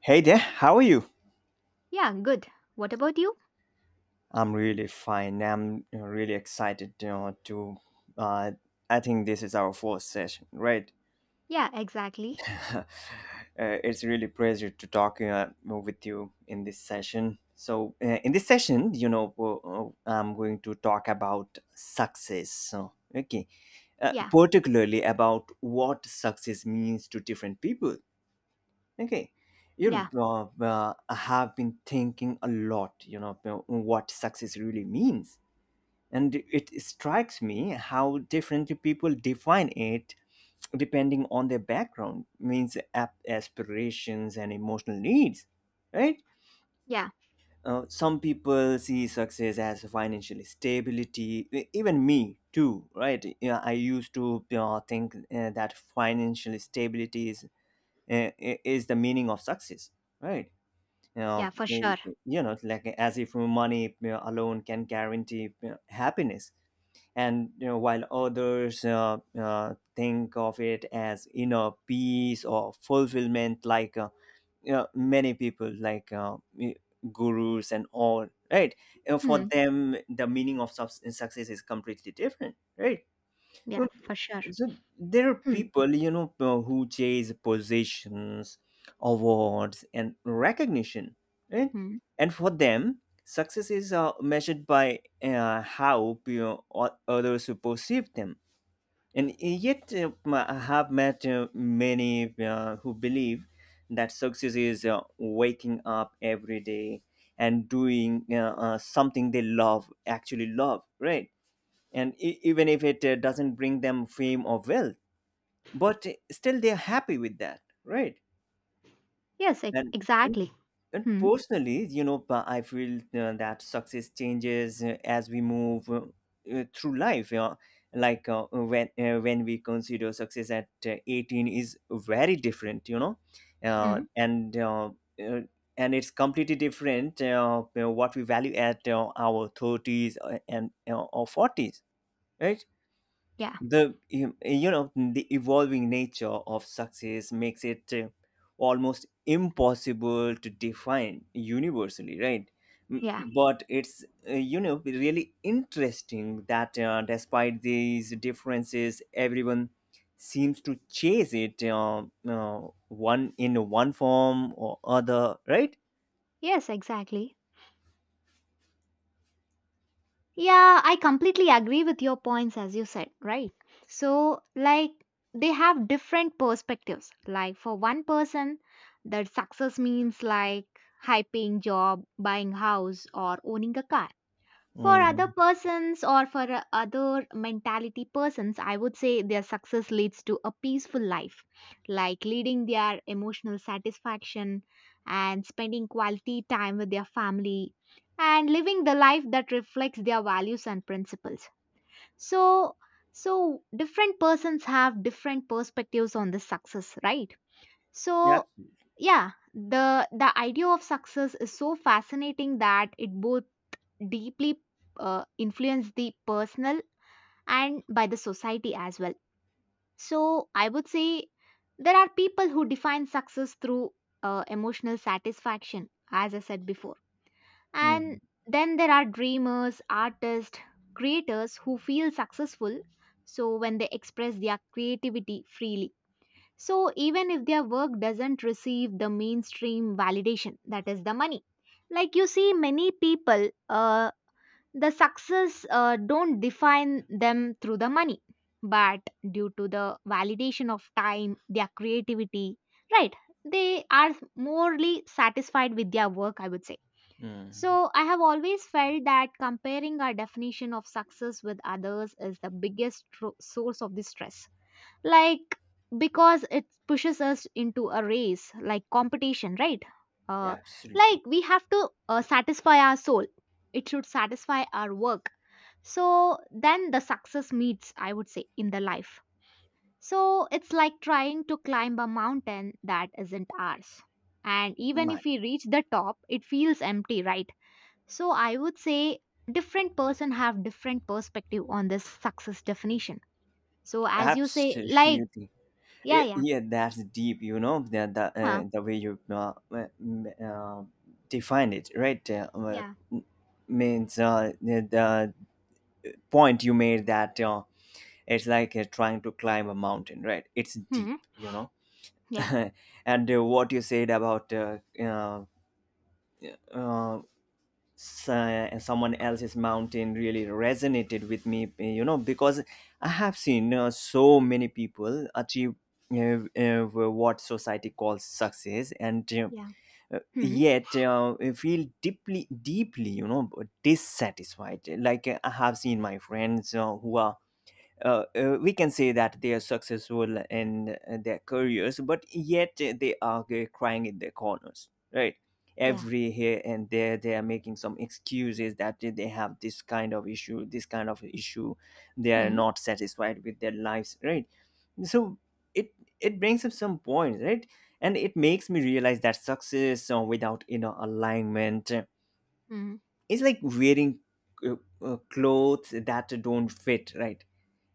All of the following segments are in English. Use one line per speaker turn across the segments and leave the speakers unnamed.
Hey there, how are you?
Yeah, good. What about you?
I'm really fine. I'm really excited you know, to. Uh, I think this is our fourth session, right?
Yeah, exactly.
uh, it's really pleasure to talk with you in this session. So, in this session, I'm going to talk about success. So, okay,
Yeah,
particularly about what success means to different people. Okay. You
yeah,
know, have been thinking a lot, about what success really means. And it strikes me how differently people define it depending on their background, means aspirations and emotional needs, right?
yeah,
Some people see success as financial stability, even me too, right? Yeah, I used to think that financial stability uh, is the meaning of success, right? you know,
yeah, for
y-
sure.
y- you know, like as if money alone can guarantee happiness. And while others think of it as inner peace or fulfillment, like many people, like gurus and all, right?
Hmm.
For them, the meaning of success is completely different, right?
Yeah, for sure.
So there are
Hmm.
people, who chase positions, awards, and recognition, right?
Hmm.
And for them, success is measured by how others perceive them. And yet, I have met many who believe that success is waking up every day and doing something they love, actually love, right? And even if it doesn't bring them fame or wealth, but still they're happy with that, right?
Yes,
and and,
exactly.
and
Hmm.
personally, but I feel that success changes as we move through life. Like when when we consider success at 18 is very different uh,
Hmm.
and uh, uh, and it's completely different, what we value at our 30s and or 40s, right?
Yeah,
The you you know the evolving nature of success makes it almost impossible to define universally, right? M-
yeah.
but it's really interesting that despite these differences, everyone seems to chase it uh, one in one form or other, right?
Yes, exactly. Yeah, I completely agree with your points as you said, right? So, like, they have different perspectives. Like, for one person, that success means like high paying job, buying house, or owning a car. For other
Mm.
persons or for other mentality persons, I would say their success leads to a peaceful life, like leading their emotional satisfaction and spending quality time with their family and living the life that reflects their values and principles. So, so different persons have different perspectives on the success, right?
Yeah.
So, yeah, the idea of success is so fascinating that it both deeply influence the personal and by the society as well. So I would say there are people who define success through emotional satisfaction, as I said before.
Mm.
And then there are dreamers, artists, creators who feel successful so when they express their creativity freely. So even if their work doesn't receive the mainstream validation, that is the money. Like you see, many people the success don't define them through the money, but due to the validation of time, their creativity, right? They are morely satisfied with their work, I would say.
Mm.
So I have always felt that comparing our definition of success with others is the biggest source of this stress. Like because it pushes us into a race, like competition, right? Uh, like
Absolutely.
we have to satisfy our soul. It should satisfy our work so then the success meets, I would say, in the life. So it's like trying to climb a mountain that isn't ours. And even
My.
if we reach the top, it feels empty, right? So I would say different person have different perspective on this success definition. So as you say, like,
Absolutely.
yeah, yeah,
Yeah, that's deep. The the,
huh,
uh, the way you defined it, right?
yeah,
Means the point you made that it's like trying to climb a mountain, right? It's deep
hmm,
you know
yeah,
And what you said about uh, someone else's mountain really resonated with me, because I have seen so many people achieve what society calls success and
yeah, hmm,
yet feel deeply, deeply dissatisfied. Like I have seen my friends who are, we can say that they are successful in their careers, but yet they are crying in their corners, right?
yeah,
Every here and there, they are making some excuses that they have this kind of issue, this kind of issue. They are
hmm,
not satisfied with their lives, right? So it it brings up some points, right? And it makes me realize that success without inner alignment
hmm,
is like wearing uh, clothes that don't fit, right?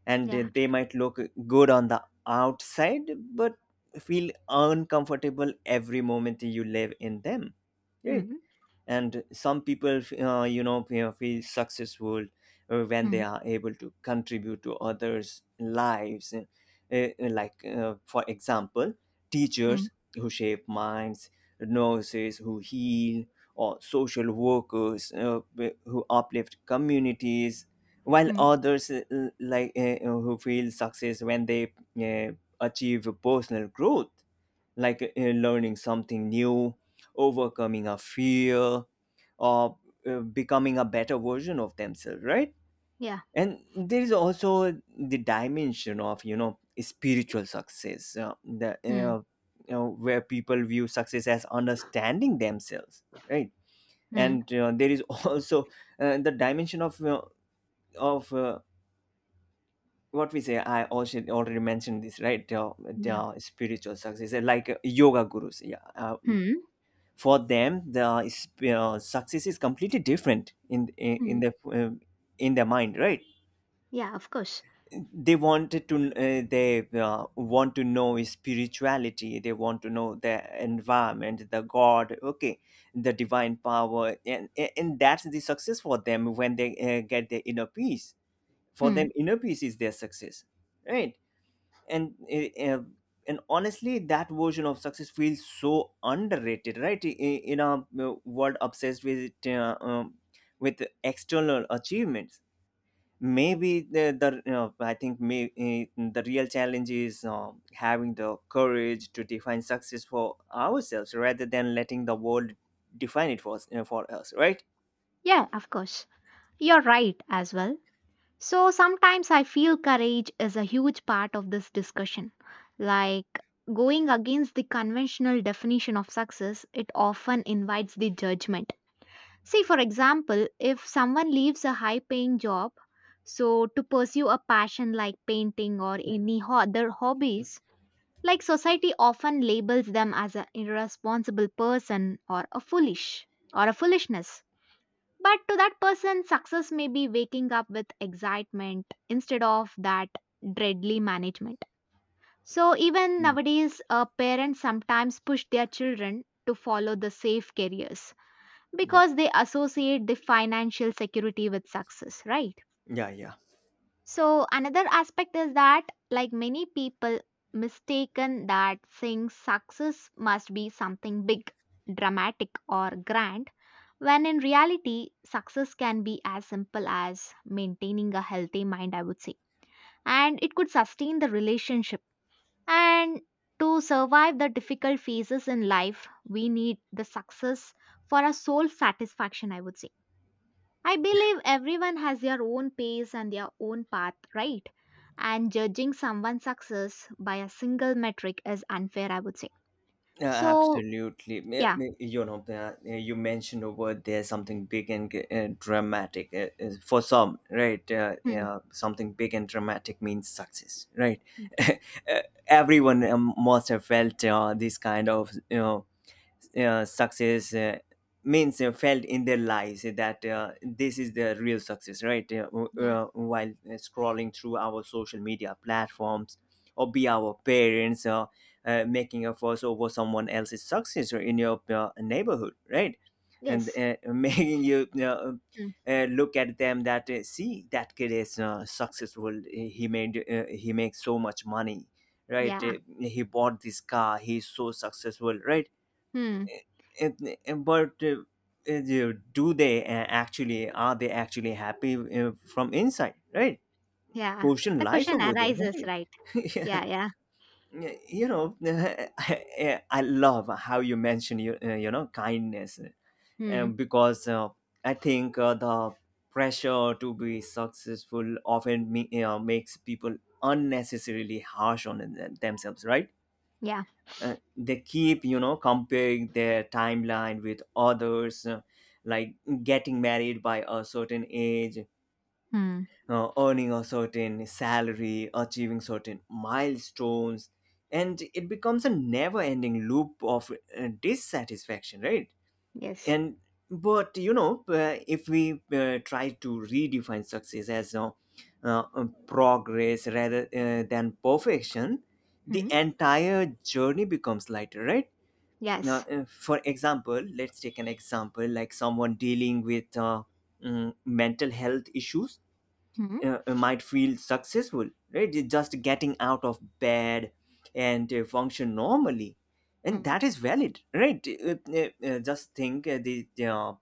And
yeah,
they might look good on the outside, but feel uncomfortable every moment you live in them, right?
hmm,
And some people feel successful when they
hmm,
are able to contribute to others lives. Like, for example,
hmm,
teachers who shape minds, nurses who heal, or social workers who uplift communities, while
hmm,
others like who feel success when they achieve personal growth, like learning something new, overcoming a fear, or becoming a better version of themselves, right?
yeah,
And there is also the dimension of spiritual success,
hmm,
where people view success as understanding themselves, right?
hmm,
And there is also the dimension of of uh, what we say. I also already mentioned this, right?
yeah,
The spiritual success, like yoga gurus, yeah,
hmm,
for them the success is completely different in in,
hmm,
in their in their mind, right?
yeah, of course.
They want to know spirituality. They want to know the environment, the god. Okay, the divine power, and that's the success for them when they get their inner peace. For
Hmm.
them, inner peace is their success, right? And uh, and honestly, that version of success feels so underrated, right? In, a world obsessed with external achievements. Maybe the you know, I think may, the real challenge is having the courage to define success for ourselves rather than letting the world define it for us, for us, right?
Yeah, of course. You're right as well. So sometimes I feel courage is a huge part of this discussion. Like going against the conventional definition of success, it often invites the judgment. See, for example, if someone leaves a high paying job, so to pursue a passion like painting or any other hobbies, like society often labels them as an irresponsible person or a foolish or a foolishness. But to that person, success may be waking up with excitement instead of that dreadly management. So even
Mm.
nowadays, parents sometimes push their children to follow the safe careers
Yeah,
because they associate the financial security with success, right?
yeah, yeah.
So another aspect is that, like many people, mistaken that saying success must be something big, dramatic, or grand when in reality, success can be as simple as maintaining a healthy mind, I would say. And it could sustain the relationship. And to survive the difficult phases in life, we need the success for a soul satisfaction, I would say. I believe everyone has their own pace and their own path, right? And judging someone's success by a single metric is unfair, I would say. So,
Absolutely. Me-
yeah.
me- You know, uh, you mentioned a word there, something big and dramatic. For some, right?
Hmm.
Yeah, something big and dramatic means success, right?
Hmm.
Uh, Everyone must have felt this kind of, success means felt in their lives that this is the real success, right? W-
Yeah.
while scrolling through our social media platforms or be our parents making a fuss over someone else's success, or in your neighborhood, right? and
Yes.
uh, making you
Hmm.
look at them, that see, that kid is successful. He makes so much money, right?
Yeah.
He bought this car, he's so successful, right?
Hmm.
But do they actually are they actually happy from inside, right?
Yeah,
Question
the
lies
question
over there,
arises,
right?
right?
Yeah.
Yeah, yeah.
I love how you mention kindness,
Hmm.
because I think the pressure to be successful often makes people unnecessarily harsh on themselves, right?
Yeah.
They keep comparing their timeline with others, like getting married by a certain age,
Hmm.
earning a certain salary, achieving certain milestones, and it becomes a never ending loop of dissatisfaction, right?
Yes.
And but you know uh, if we try to redefine success as progress rather than perfection, the
Hmm.
entire journey becomes lighter, right? Now,
Yes.
for example, let's take an example like someone dealing with mental health issues
Hmm.
might feel successful, right? They're just getting out of bed and function normally. And
Hmm.
that is valid, right? Just think the, uh,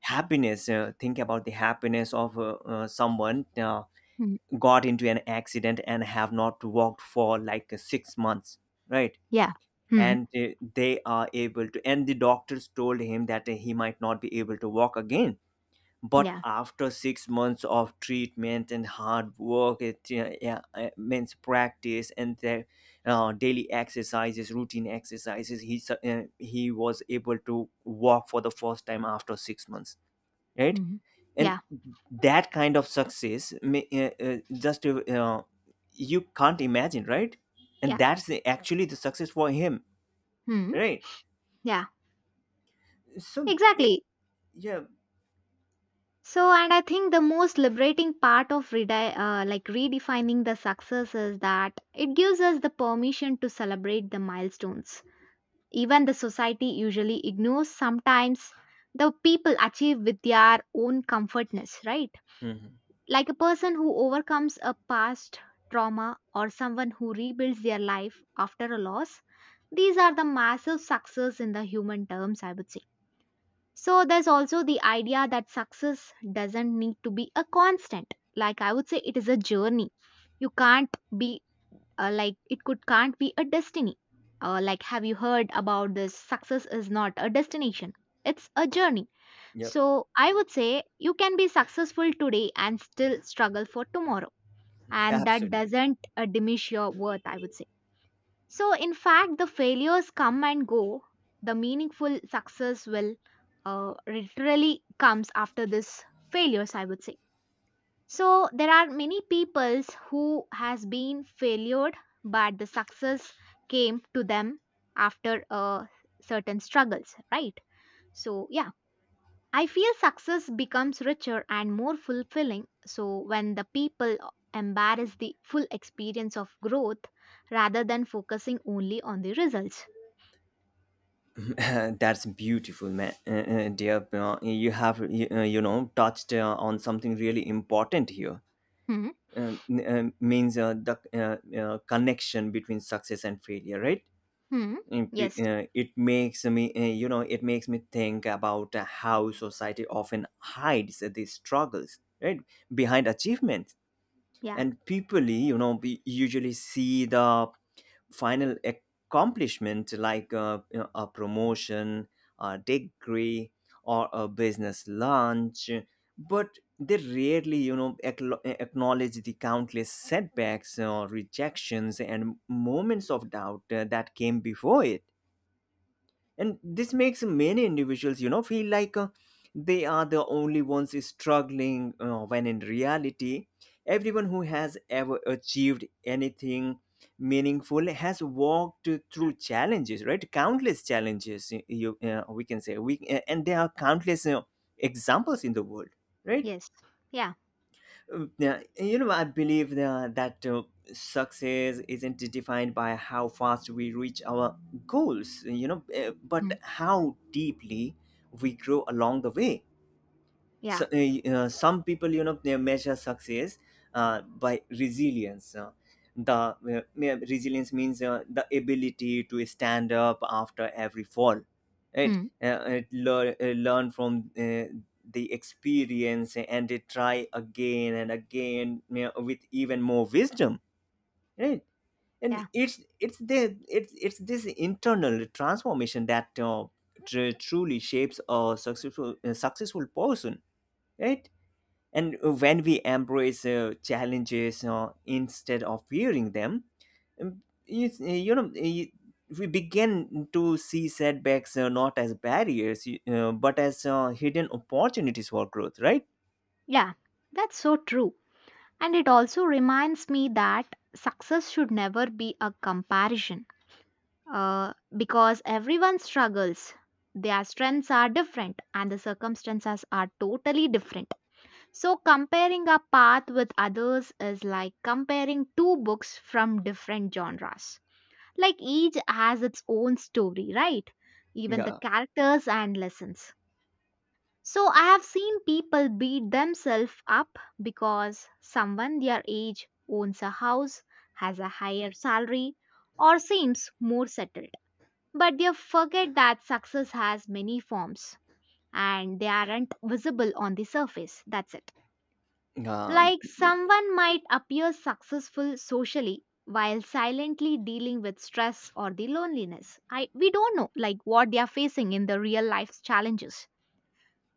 happiness, uh, think about the happiness of someone
Hmm.
got into an accident and have not walked for like 6 months, right?
Yeah. Hmm.
and they are able to and the doctors told him that he might not be able to walk again, but
Yeah.
after 6 months of treatment and hard work, it means practice and their daily exercises, routine exercises, he was able to walk for the first time after 6 months, right?
Hmm.
And
Yeah.
that kind of success may, just you can't imagine, right? And
Yeah.
that's actually the success for him,
Hmm.
right?
Yeah.
So,
Exactly.
yeah.
So, and I think the most liberating part of like redefining the success is that it gives us the permission to celebrate the milestones. Even the society usually ignores sometimes the people achieve with their own comfortness, right?
Hmm.
Like a person who overcomes a past trauma or someone who rebuilds their life after a loss, these are the massive success in the human terms, I would say. So there's also the idea that success doesn't need to be a constant, like I would say it is a journey. You can't be like it could can't be a destiny. Like, have you heard about this? Success is not a destination, it's a journey.
Yep,
So I would say you can be successful today and still struggle for tomorrow. And that
absolutely.
doesn't diminish your worth, I would say. So, in fact, the failures come and go. The meaningful success will literally comes after this failures, I would say. So there are many peoples who has been failured, but the success came to them after a certain struggles, right? So yeah, I feel success becomes richer and more fulfilling so when the people embrace the full experience of growth rather than focusing only on the results.
That's beautiful, man. Dear, you have you, you know touched on something really important here.
Hmm.
Means the connection between success and failure, right?
Hmm.
And p-
Yes.
uh, It makes me, it makes me think about how society often hides the struggles, right, behind achievements
Yeah.
and people, you know, we usually see the final accomplishment like a promotion, a degree, or a business launch, but they rarely, you know, acknowledge the countless setbacks or rejections and moments of doubt that came before it. And this makes many individuals, you know, feel like they are the only ones struggling when in reality everyone who has ever achieved anything meaningful has walked through challenges, right? Countless challenges. You We can say we and there are countless examples in the world, right?
Yes. Yeah.
Yeah, you know, I believe that success isn't defined by how fast we reach our goals, you know,
Hmm.
but how deeply we grow along the way.
Yeah.
So some people, you know, they measure success by resilience. Resilience means the ability to stand up after every fall, right?
Hmm.
Learn from the experience, and they try again and again, you know, with even more wisdom, right? and
Yeah.
it's it's the it's it's this internal transformation that truly shapes a successful person, right? And when we embrace challenges instead of fearing them, um, you, you know, uh, you- we begin to see setbacks not as barriers, but as hidden opportunities for growth, right?
Yeah. That's so true. And it also reminds me that success should never be a comparison because everyone struggles. Their strengths are different and the circumstances are totally different. So, comparing a path with others is like comparing two books from different genres. Like each has its own story, right? Even the
Yeah.
characters and lessons. So, I have seen people beat themselves up because someone their age owns a house, has a higher salary, or seems more settled. But they forget that success has many forms and they aren't visible on the surface. That's it.
Um,
Like someone might appear successful socially while silently dealing with stress or the loneliness. I we don't know like what they are facing in the real life's challenges.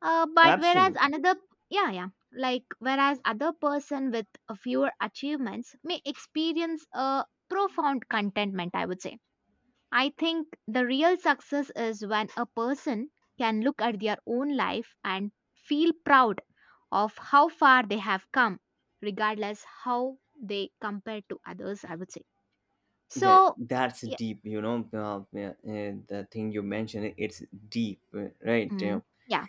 But whereas
absolutely,
another yeah, yeah, like whereas other person with a fewer achievements may experience a profound contentment, I would say. I think the real success is when a person can look at their own life and feel proud of how far they have come, regardless how they compare to others, I would say.
yeah,
So,
that's
yeah,
deep, you know. Yeah, the thing you mentioned, it's deep, right? Yeah.
mm, yeah,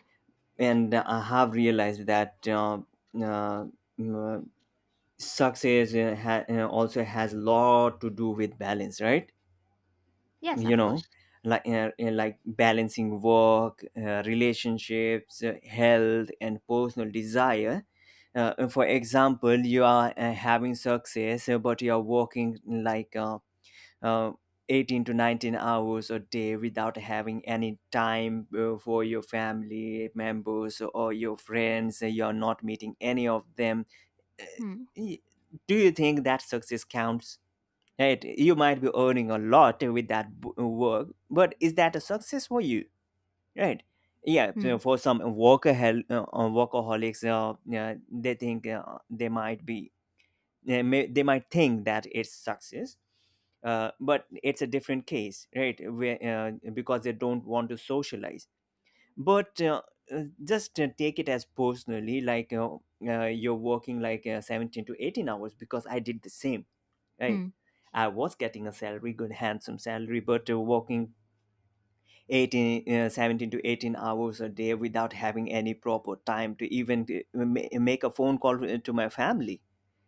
And I have realized that uh, success also has a lot to do with balance, right?
yes,
You
of
know,
course.
like balancing work, relationships, health, and personal desire. For example, you are having success, but you are working like uh, 18 to 19 hours a day without having any time for your family members or your friends. You are not meeting any of them. Eh,
Hmm,
Y- do you think that success counts, right? You might be earning a lot with that work, but is that a success for you, right? Yeah.
hmm,
So for some workaholics, yeah, they think they might be they, may, they might think that it's success, but it's a different case, right, where, because they don't want to socialize. But just take it as personally, like you're working like 17 to 18 hours, because I did the same, right?
hmm,
I was getting a salary, good handsome salary, but working 18 uh, 17 to 18 hours a day without having any proper time to even make a phone call to my family.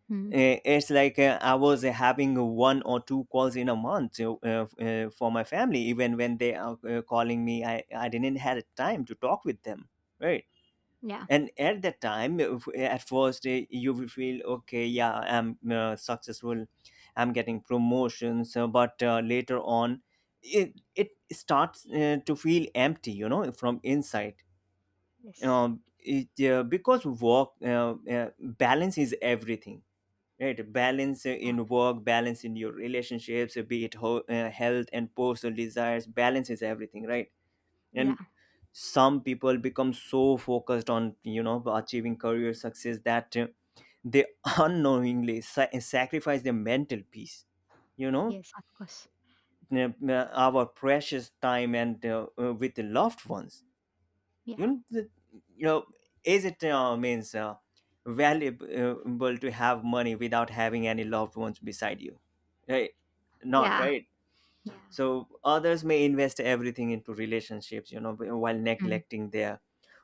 hmm.
It's like I was having one or two calls in a month for my family. Even when they are calling me, I didn't have time to talk with them, right?
Yeah,
And at that time, at first, you will feel okay, yeah, I'm successful, I'm getting promotions, but later on, it starts to feel empty, you know, from inside.
yes,
Because work balance is everything, right? Balance in
yeah,
work, balance in your relationships, health, and personal desires. Balance is everything, right? And
yeah,
some people become so focused on, you know, achieving career success that they unknowingly sacrifice their mental peace, you know,
yes, of course.
our precious time and with the loved ones,
Yeah,
you know. You know is it means valuable to have money without having any loved ones beside you, right? Not
yeah,
right.
yeah.
So others may invest everything into relationships, you know, while
Hmm,
neglecting their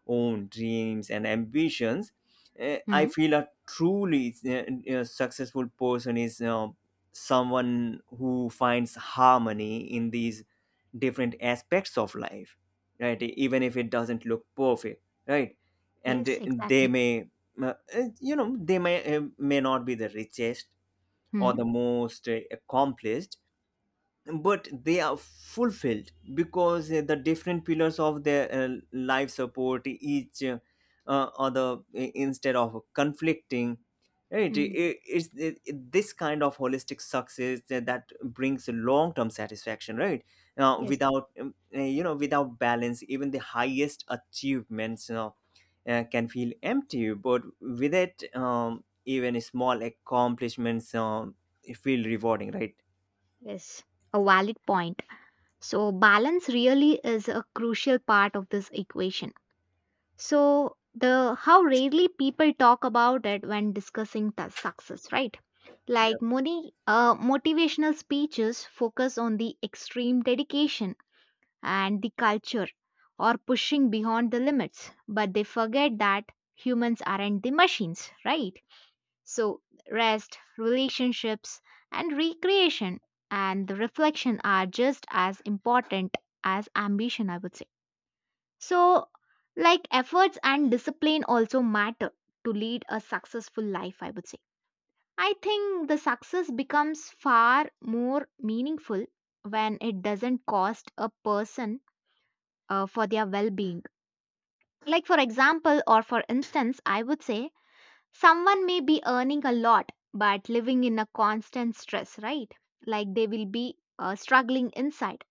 own dreams and ambitions. I
hmm.
feel a truly successful person is, you know, someone who finds harmony in these different aspects of life, right? Even if it doesn't look perfect, right? And
Yes,
they
exactly.
may you know, they may not be the richest or
Hmm,
the most accomplished, but they are fulfilled because the different pillars of their life support each other instead of conflicting, right?
hmm.
It's it, this kind of holistic success that brings long term satisfaction, right? Now
Yes,
without without balance, even the highest achievements, you know, can feel empty, but with it, even small accomplishments, feel rewarding, right?
yes. A valid point. So, balance really is a crucial part of this equation. So, the how rarely people talk about it when discussing the success, right?
Yep.
Like many motivational speeches focus on the extreme dedication and the culture or pushing beyond the limits, but they forget that humans aren't the machines, right? So, rest, relationships, and recreation and the reflection are just as important as ambition, I would say. So, like efforts and discipline also matter to lead a successful life, I would say. I think the success becomes far more meaningful when it doesn't cost a person for their well being. Like, for example, or for instance, I would say someone may be earning a lot but living in a constant stress, right? Like they will be struggling inside,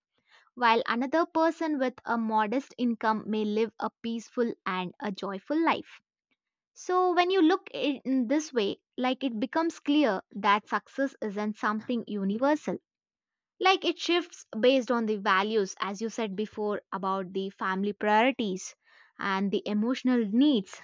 while another person with a modest income may live a peaceful and a joyful life. So, when you look in this way, like it becomes clear that success isn't something universal. Like it shifts based on the values, as you said before, about the family priorities and the emotional needs.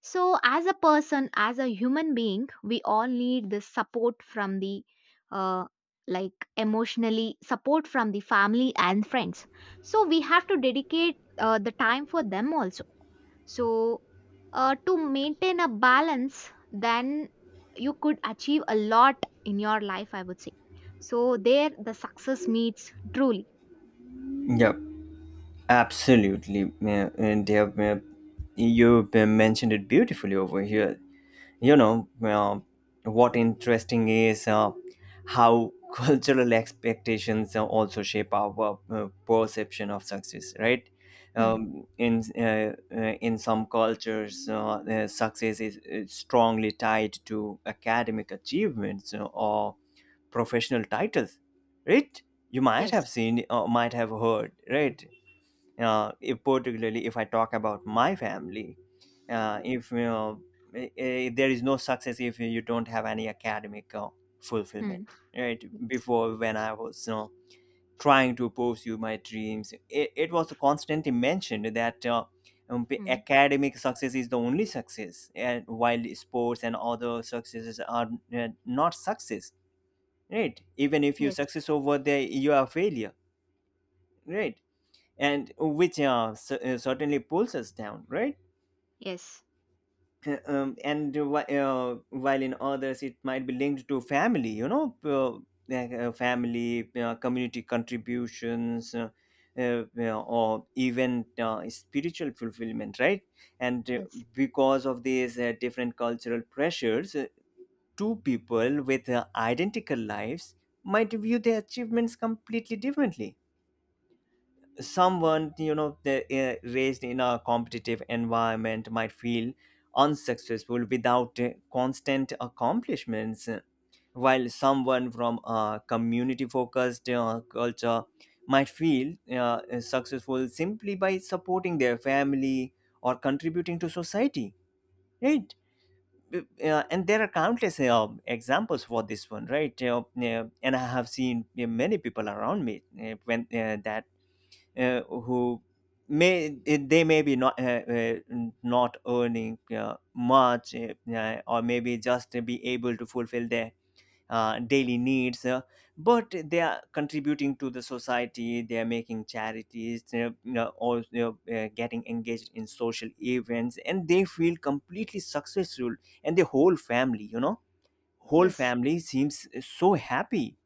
So, as a person, as a human being, we all need this support from the uh, like emotionally support from the family and friends. So, we have to dedicate the time for them also. So, to maintain a balance, then you could achieve a lot in your life, I would say. So, there the success meets truly.
Yeah. Absolutely, yeah. And they have, you mentioned it beautifully over here. You know, what interesting is how cultural expectations also shape our perception of success, right?
Hmm.
In some cultures, success is strongly tied to academic achievements or professional titles, right? You might have
Yes.
seen or might have heard, right? If particularly if I talk about my family, if you know, there is no success if you don't have any academic fulfillment.
Hmm.
Right,
Yes.
before, when I was, you know, trying to pursue my dreams, it was constantly mentioned that.
Hmm.
Academic success is the only success, and while sports and other successes are not success, right? Even if you
Yes.
success over there, you are a failure, right? And which certainly pulls us down, right?
Yes.
Uh, um, and whi- uh, while in others it might be linked to family, you know, family, community contributions, or even spiritual fulfillment, right? And
Yes.
because of these different cultural pressures, two people with identical lives might view their achievements completely differently. Someone, you know, they raised in a competitive environment, might feel unsuccessful without constant accomplishments, while someone from a community focused culture might feel successful simply by supporting their family or contributing to society, right? And there are countless examples for this one, right? Yeah. And I have seen many people around me, when that who may eh, they may be not not earning much, or maybe just be able to fulfill their daily needs, but they are contributing to the society, they are making charities, you know, getting engaged in social events, and they feel completely successful, and the whole family, you know, whole
Yes.
family seems so happy.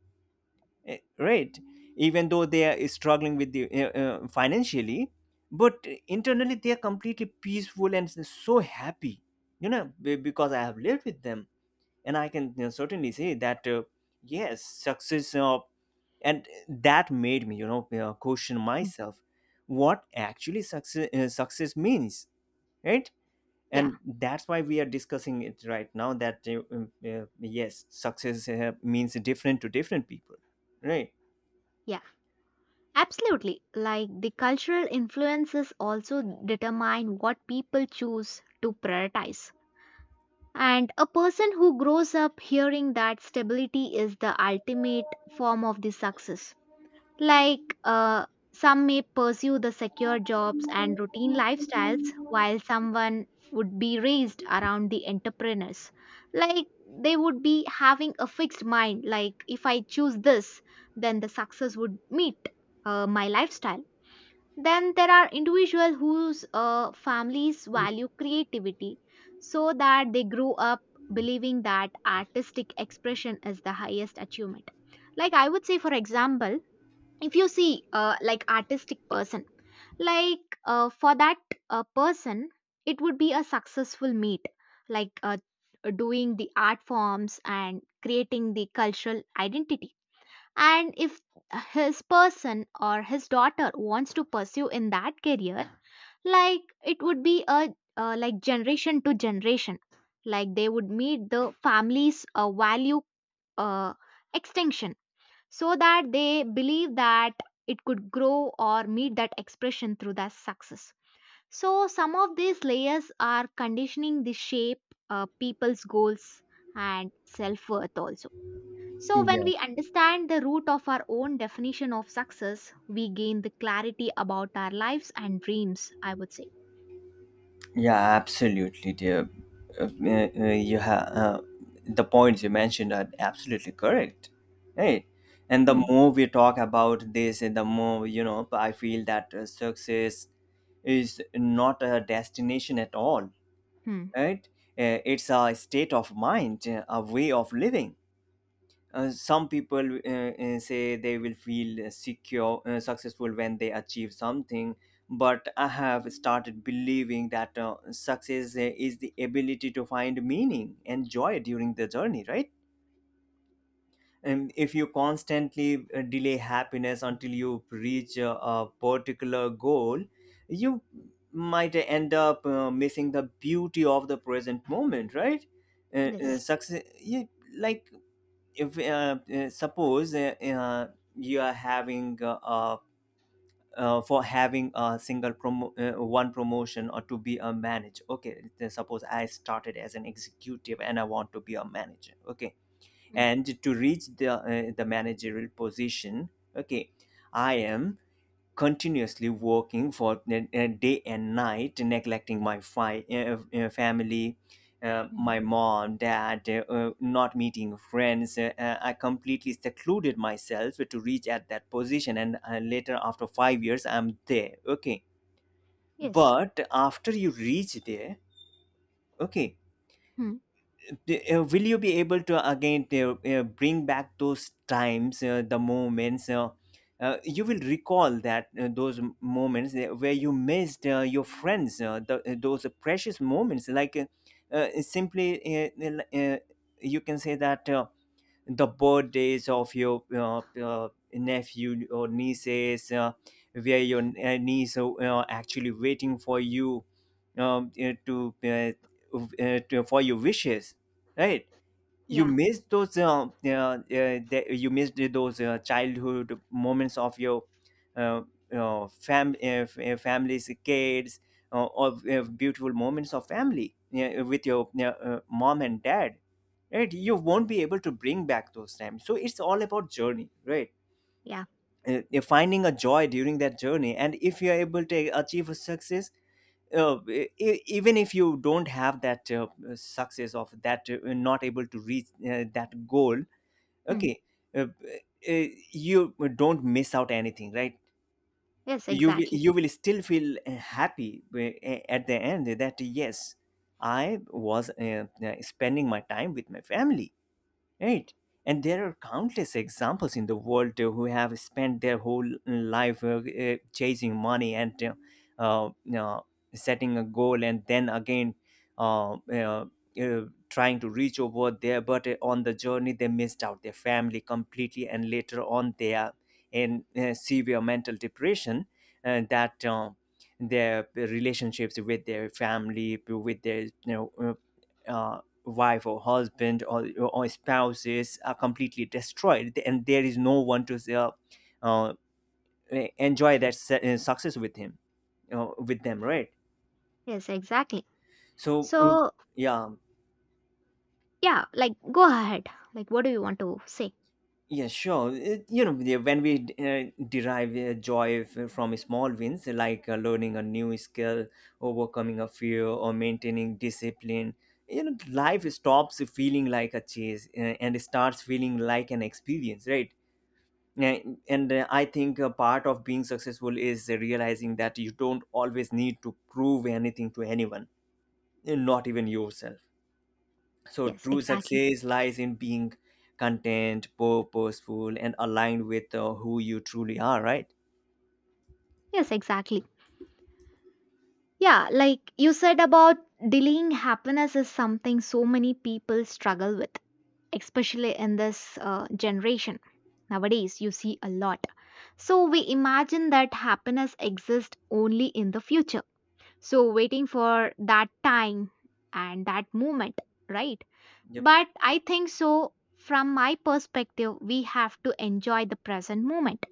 Right. Even though they are struggling with the financially, but internally they are completely peaceful and so happy, you know, because I have lived with them, and I can, you know, certainly say that, yes, success. And that made me, you know, question
Hmm.
myself, what actually success success means, right?
Yeah.
And that's why we are discussing it right now, that yes, success means different to different people, right?
Yeah. Absolutely. Like the cultural influences also determine what people choose to prioritize. And a person who grows up hearing that stability is the ultimate form of the success. Like some may pursue the secure jobs and routine lifestyles, while someone would be raised around the entrepreneurs. Like they would be having a fixed mind, like if I choose this, then the success would meet my lifestyle. Then there are individuals whose families value creativity so that they grow up believing that artistic expression is the highest achievement. Like I would say, for example, if you see like artistic person, like for that person, it would be a successful meet, like doing the art forms and creating the cultural identity. And if his person or his daughter wants to pursue in that career, like it would be a like generation to generation, like they would meet the family's value uh, extinction so that they believe that it could grow or meet that expression through that success. So some of these layers are conditioning the shape people's goals and self worth also. So, when
Yeah,
we understand the root of our own definition of success, we gain the clarity about our lives and dreams, I would say.
yeah, absolutely, dear. You have, the points you mentioned are absolutely correct, right? And the
Hmm,
more we talk about this, and the more, you know, I feel that success is not a destination at all,
hmm,
right? It's a state of mind, a way of living. Some people say they will feel secure successful when they achieve something, but I have started believing that success is the ability to find meaning and joy during the journey, right? And if you constantly delay happiness until you reach a particular goal, you might end up missing the beauty of the present moment, right?
yes,
Success, like, if suppose you are having for having a single promo one promotion, or to be a manager, okay. Then suppose I started as an executive and I want to be a manager, okay,
hmm,
and to reach the managerial position, okay, I am continuously working for day and night, neglecting my family,
hmm,
my mom, dad, not meeting friends. I completely secluded myself to reach at that position, and later, after 5 years, I'm there. Okay,
yes,
but after you reach there, okay,
hmm,
will you be able to again bring back those times, the moments, you will recall that those moments where you missed your friends, those precious moments, like simply you can say that the birthdays of your nephew or nieces, where your niece actually waiting for you um, uh, to, uh, to for your wishes, right? You
yeah,
missed those, you missed those childhood moments of your uh, families kids, of beautiful moments of family, yeah, with your mom and dad, right? You won't be able to bring back those times, so it's all about journey, right?
yeah,
You finding a joy during that journey, and if you're able to achieve a success even if you don't have that success, of that not able to reach that goal,
hmm,
okay, you don't miss out anything, right?
yes, exactly,
You will still feel happy at the end that yes, I was spending my time with my family. Right. And there are countless examples in the world who have spent their whole life chasing money and uh, you know, setting a goal and then again uh, uh, uh, trying to reach over there. But on the journey, they missed out their family completely. And later on, they are in severe mental depression, that their relationships with their family, with their eh, uh, wife or husband or spouses are completely destroyed, and there is no one to uh, enjoy that success with him, with them, right?
yes, exactly.
so uh,
So,
yeah
yeah, like, go ahead. Like, what do you want to say?
yeah, sure. When we derive joy from small wins, like learning a new skill, overcoming a fear, or maintaining discipline, you know, life stops feeling like a chase and starts feeling like an experience, right? Yeah, and I think a part of being successful is realizing that you don't always need to prove anything to anyone, and not even yourself. So
Yes,
true
exactly,
success lies in being content, purposeful, and aligned with who you truly are, right?
yes, exactly. Yeah, like you said about delaying happiness is something so many people struggle with, especially in this generation. Nowadays, you see a lot. So, we imagine that happiness exists only in the future. So, waiting for that time and that moment, right?
Yep.
But I think so, from my perspective, we have to enjoy the present moment,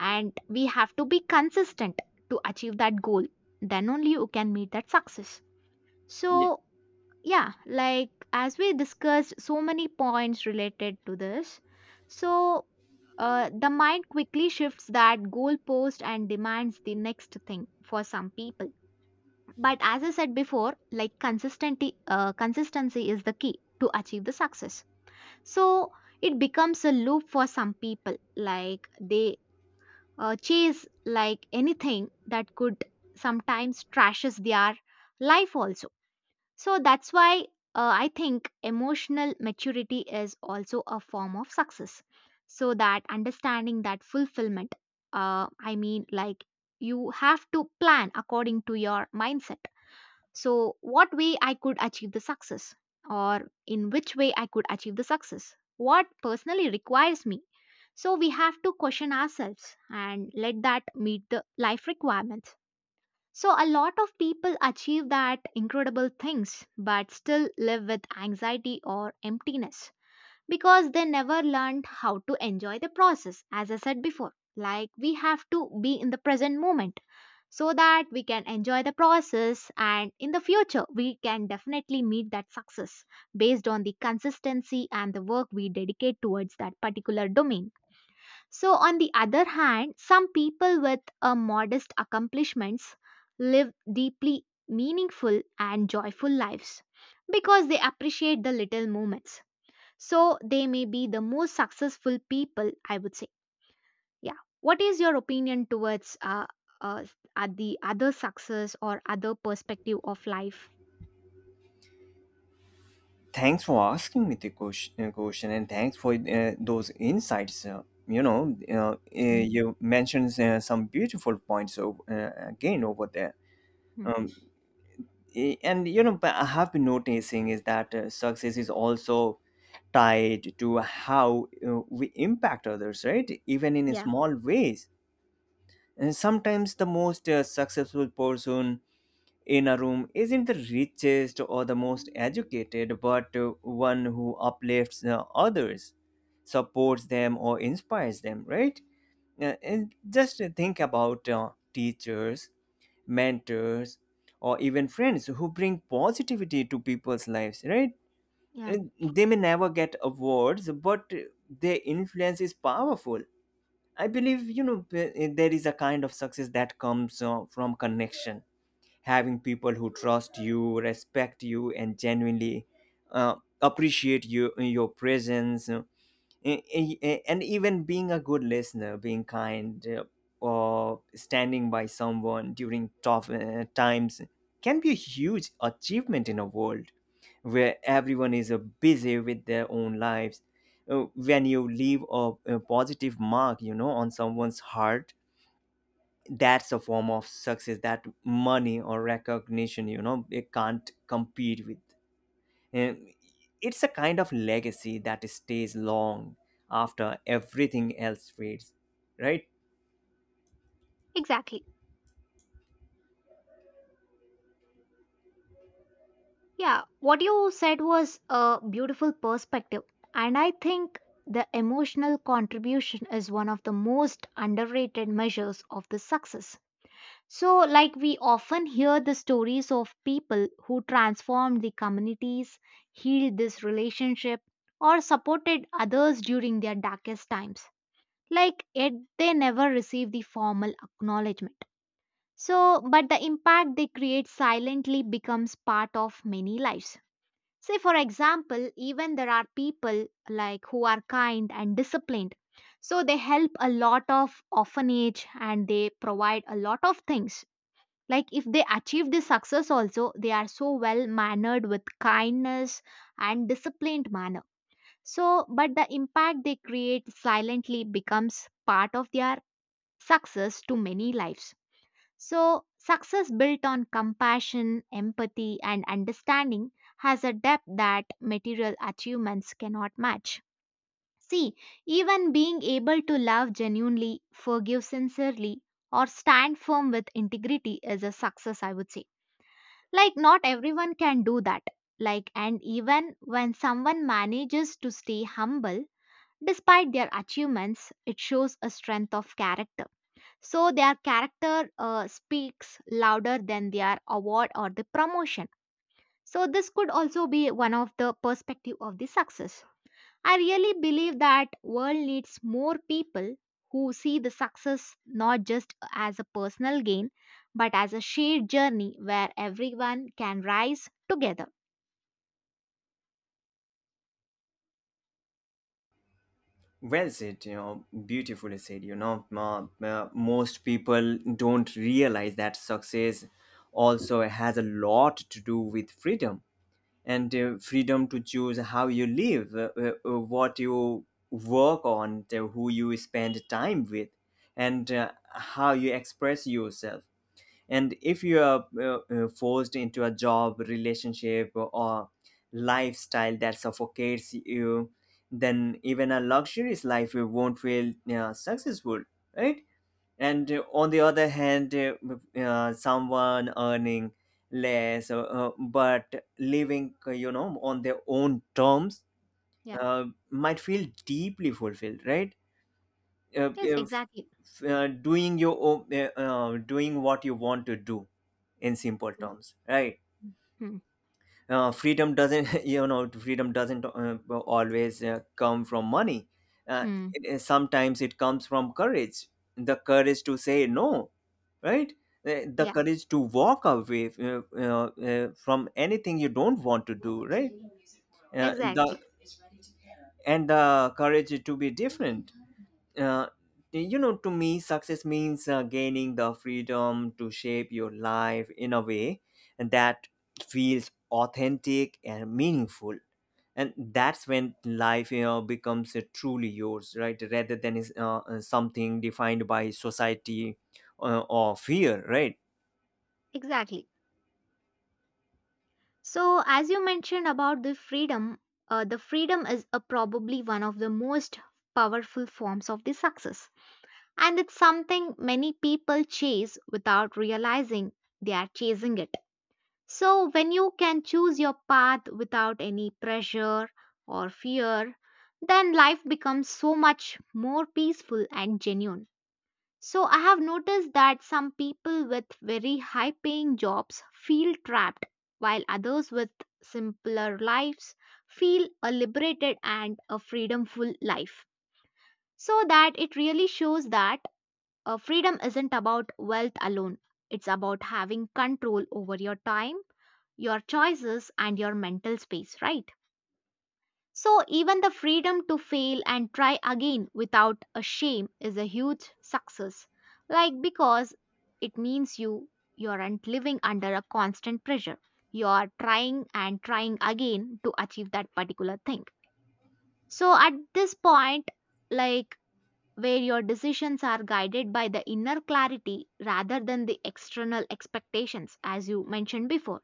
and we have to be consistent to achieve that goal. Then only you can meet that success.
Yeah.
So, yeah, like as we discussed so many points related to this, so the mind quickly shifts that goalpost and demands the next thing for some people. But as I said before, like consistency, consistency is the key to achieve the success. So it becomes a loop for some people, like they chase like anything that could sometimes trashes their life also, so that's why I think emotional maturity is also a form of success. So that understanding that fulfillment, like you have to plan according to your mindset. So, what way I could achieve the success, or in which way I could achieve the success, what personally requires me. So, we have to question ourselves and let that meet the life requirements. So, a lot of people achieve that incredible things but still live with anxiety or emptiness because they never learned how to enjoy the process, as I said before. Like, we have to be in the present moment so that we can enjoy the process, and in the future, we can definitely meet that success based on the consistency and the work we dedicate towards that particular domain. So, on the other hand, some people with modest accomplishments live deeply meaningful and joyful lives because they appreciate the little moments. So, they may be the most successful people, I would say. Yeah. What is your opinion towards uh, the other success or other perspective of life?
Thanks for asking me the question, and thanks for those insights.
Mhm.
You mentioned some beautiful points again over there.
Mhm.
um, and you know, but I have been noticing is that success is also tied to how we impact others, right? Even in
Yeah.
small ways. And sometimes the most successful person in a room isn't the richest or the most educated, but one who uplifts others, supports them, or inspires them, right? And just think about teachers, mentors, or even friends who bring positivity to people's lives, right?
Yeah.
And they may never get awards, but their influence is powerful. I believe, you know, there is a kind of success that comes from connection. Having people who trust you, respect you, and genuinely uh, appreciate you, your presence, and even being a good listener, being kind, or standing by someone during tough times can be a huge achievement in a world where everyone is busy with their own lives. When you leave a positive mark, you know, on someone's heart, that's a form of success that money or recognition, you know, it can't compete with. um, it's a kind of legacy that stays long after everything else fades, right?
Exactly. Yeah, what you said was a beautiful perspective. And I think the emotional contribution is one of the most underrated measures of the success. So, like, we often hear the stories of people who transformed the communities, healed this relationship, or supported others during their darkest times. Like, yet they never receive the formal acknowledgement. So, but the impact they create silently becomes part of many lives. Say, for example, even there are people like who are kind and disciplined. So they help a lot of orphanage and they provide a lot of things. Like if they achieve this success also, they are so well mannered with kindness and disciplined manner. So, but the impact they create silently becomes part of their success to many lives. So, success built on compassion, empathy, and understanding has a depth that material achievements cannot match. See, even being able to love genuinely, forgive sincerely, or stand firm with integrity is a success, I would say. Like, not everyone can do that. Like, and even when someone manages to stay humble despite their achievements, it shows a strength of character. So their character speaks louder than their award or the promotion. So this could also be one of the perspective of the success. I really believe that world needs more people who see the success not just as a personal gain but as a shared journey where everyone can rise together.
Well said, you know, beautifully said. You know, most people don't realize that success also has a lot to do with freedom, and freedom to choose how you live, what you work on, who you spend time with, and how you express yourself. And if you are forced into a job, relationship, or lifestyle that suffocates you, then even a luxurious life, you won't feel successful, right? And on the other hand, someone earning less, but living, you know, on their own terms,
Yeah.
uh, might feel deeply fulfilled, right?
Yes,
If,
exactly.
Doing your own, doing what you want to do, in simple
Hmm.
terms, right?
Hmm.
Freedom doesn't you know, freedom doesn't always come from money. uh,
Hmm.
Sometimes it comes from courage, the courage to say no, right? Uh, the
Yeah,
courage to walk away uh, from anything you don't want to do, right? uh, the
exactly.
and the courage to be different. uh, you know, to me success means gaining the freedom to shape your life in a way that feels authentic and meaningful. And that's when life, you know, becomes truly yours, right? Rather than something defined by society or fear, right?
Exactly. So, as you mentioned about the freedom is a probably one of the most powerful forms of the success. And it's something many people chase without realizing they are chasing it. So, when you can choose your path without any pressure or fear, then life becomes so much more peaceful and genuine. So I have noticed that some people with very high paying jobs feel trapped while others with simpler lives feel a liberated and a freedomful life. So that it really shows that freedom isn't about wealth alone. It's about having control over your time, your choices and your mental space, right? So, even the freedom to fail and try again without a shame is a huge success. Like, because it means you aren't living under a constant pressure. You are trying and trying again to achieve that particular thing. So, at this point, like, where your decisions are guided by the inner clarity rather than the external expectations, as you mentioned before,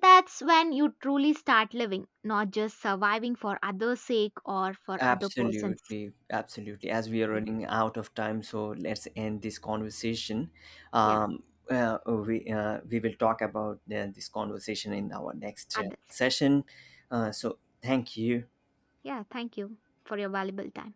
that's when you truly start living, not just surviving for others' sake or for other person's.
Absolutely, absolutely. As we are running out of time, so let's end this conversation.
Yeah,
Um, we, we will talk about this conversation in our next
others.
session. So thank you.
Yeah, thank you for your valuable time.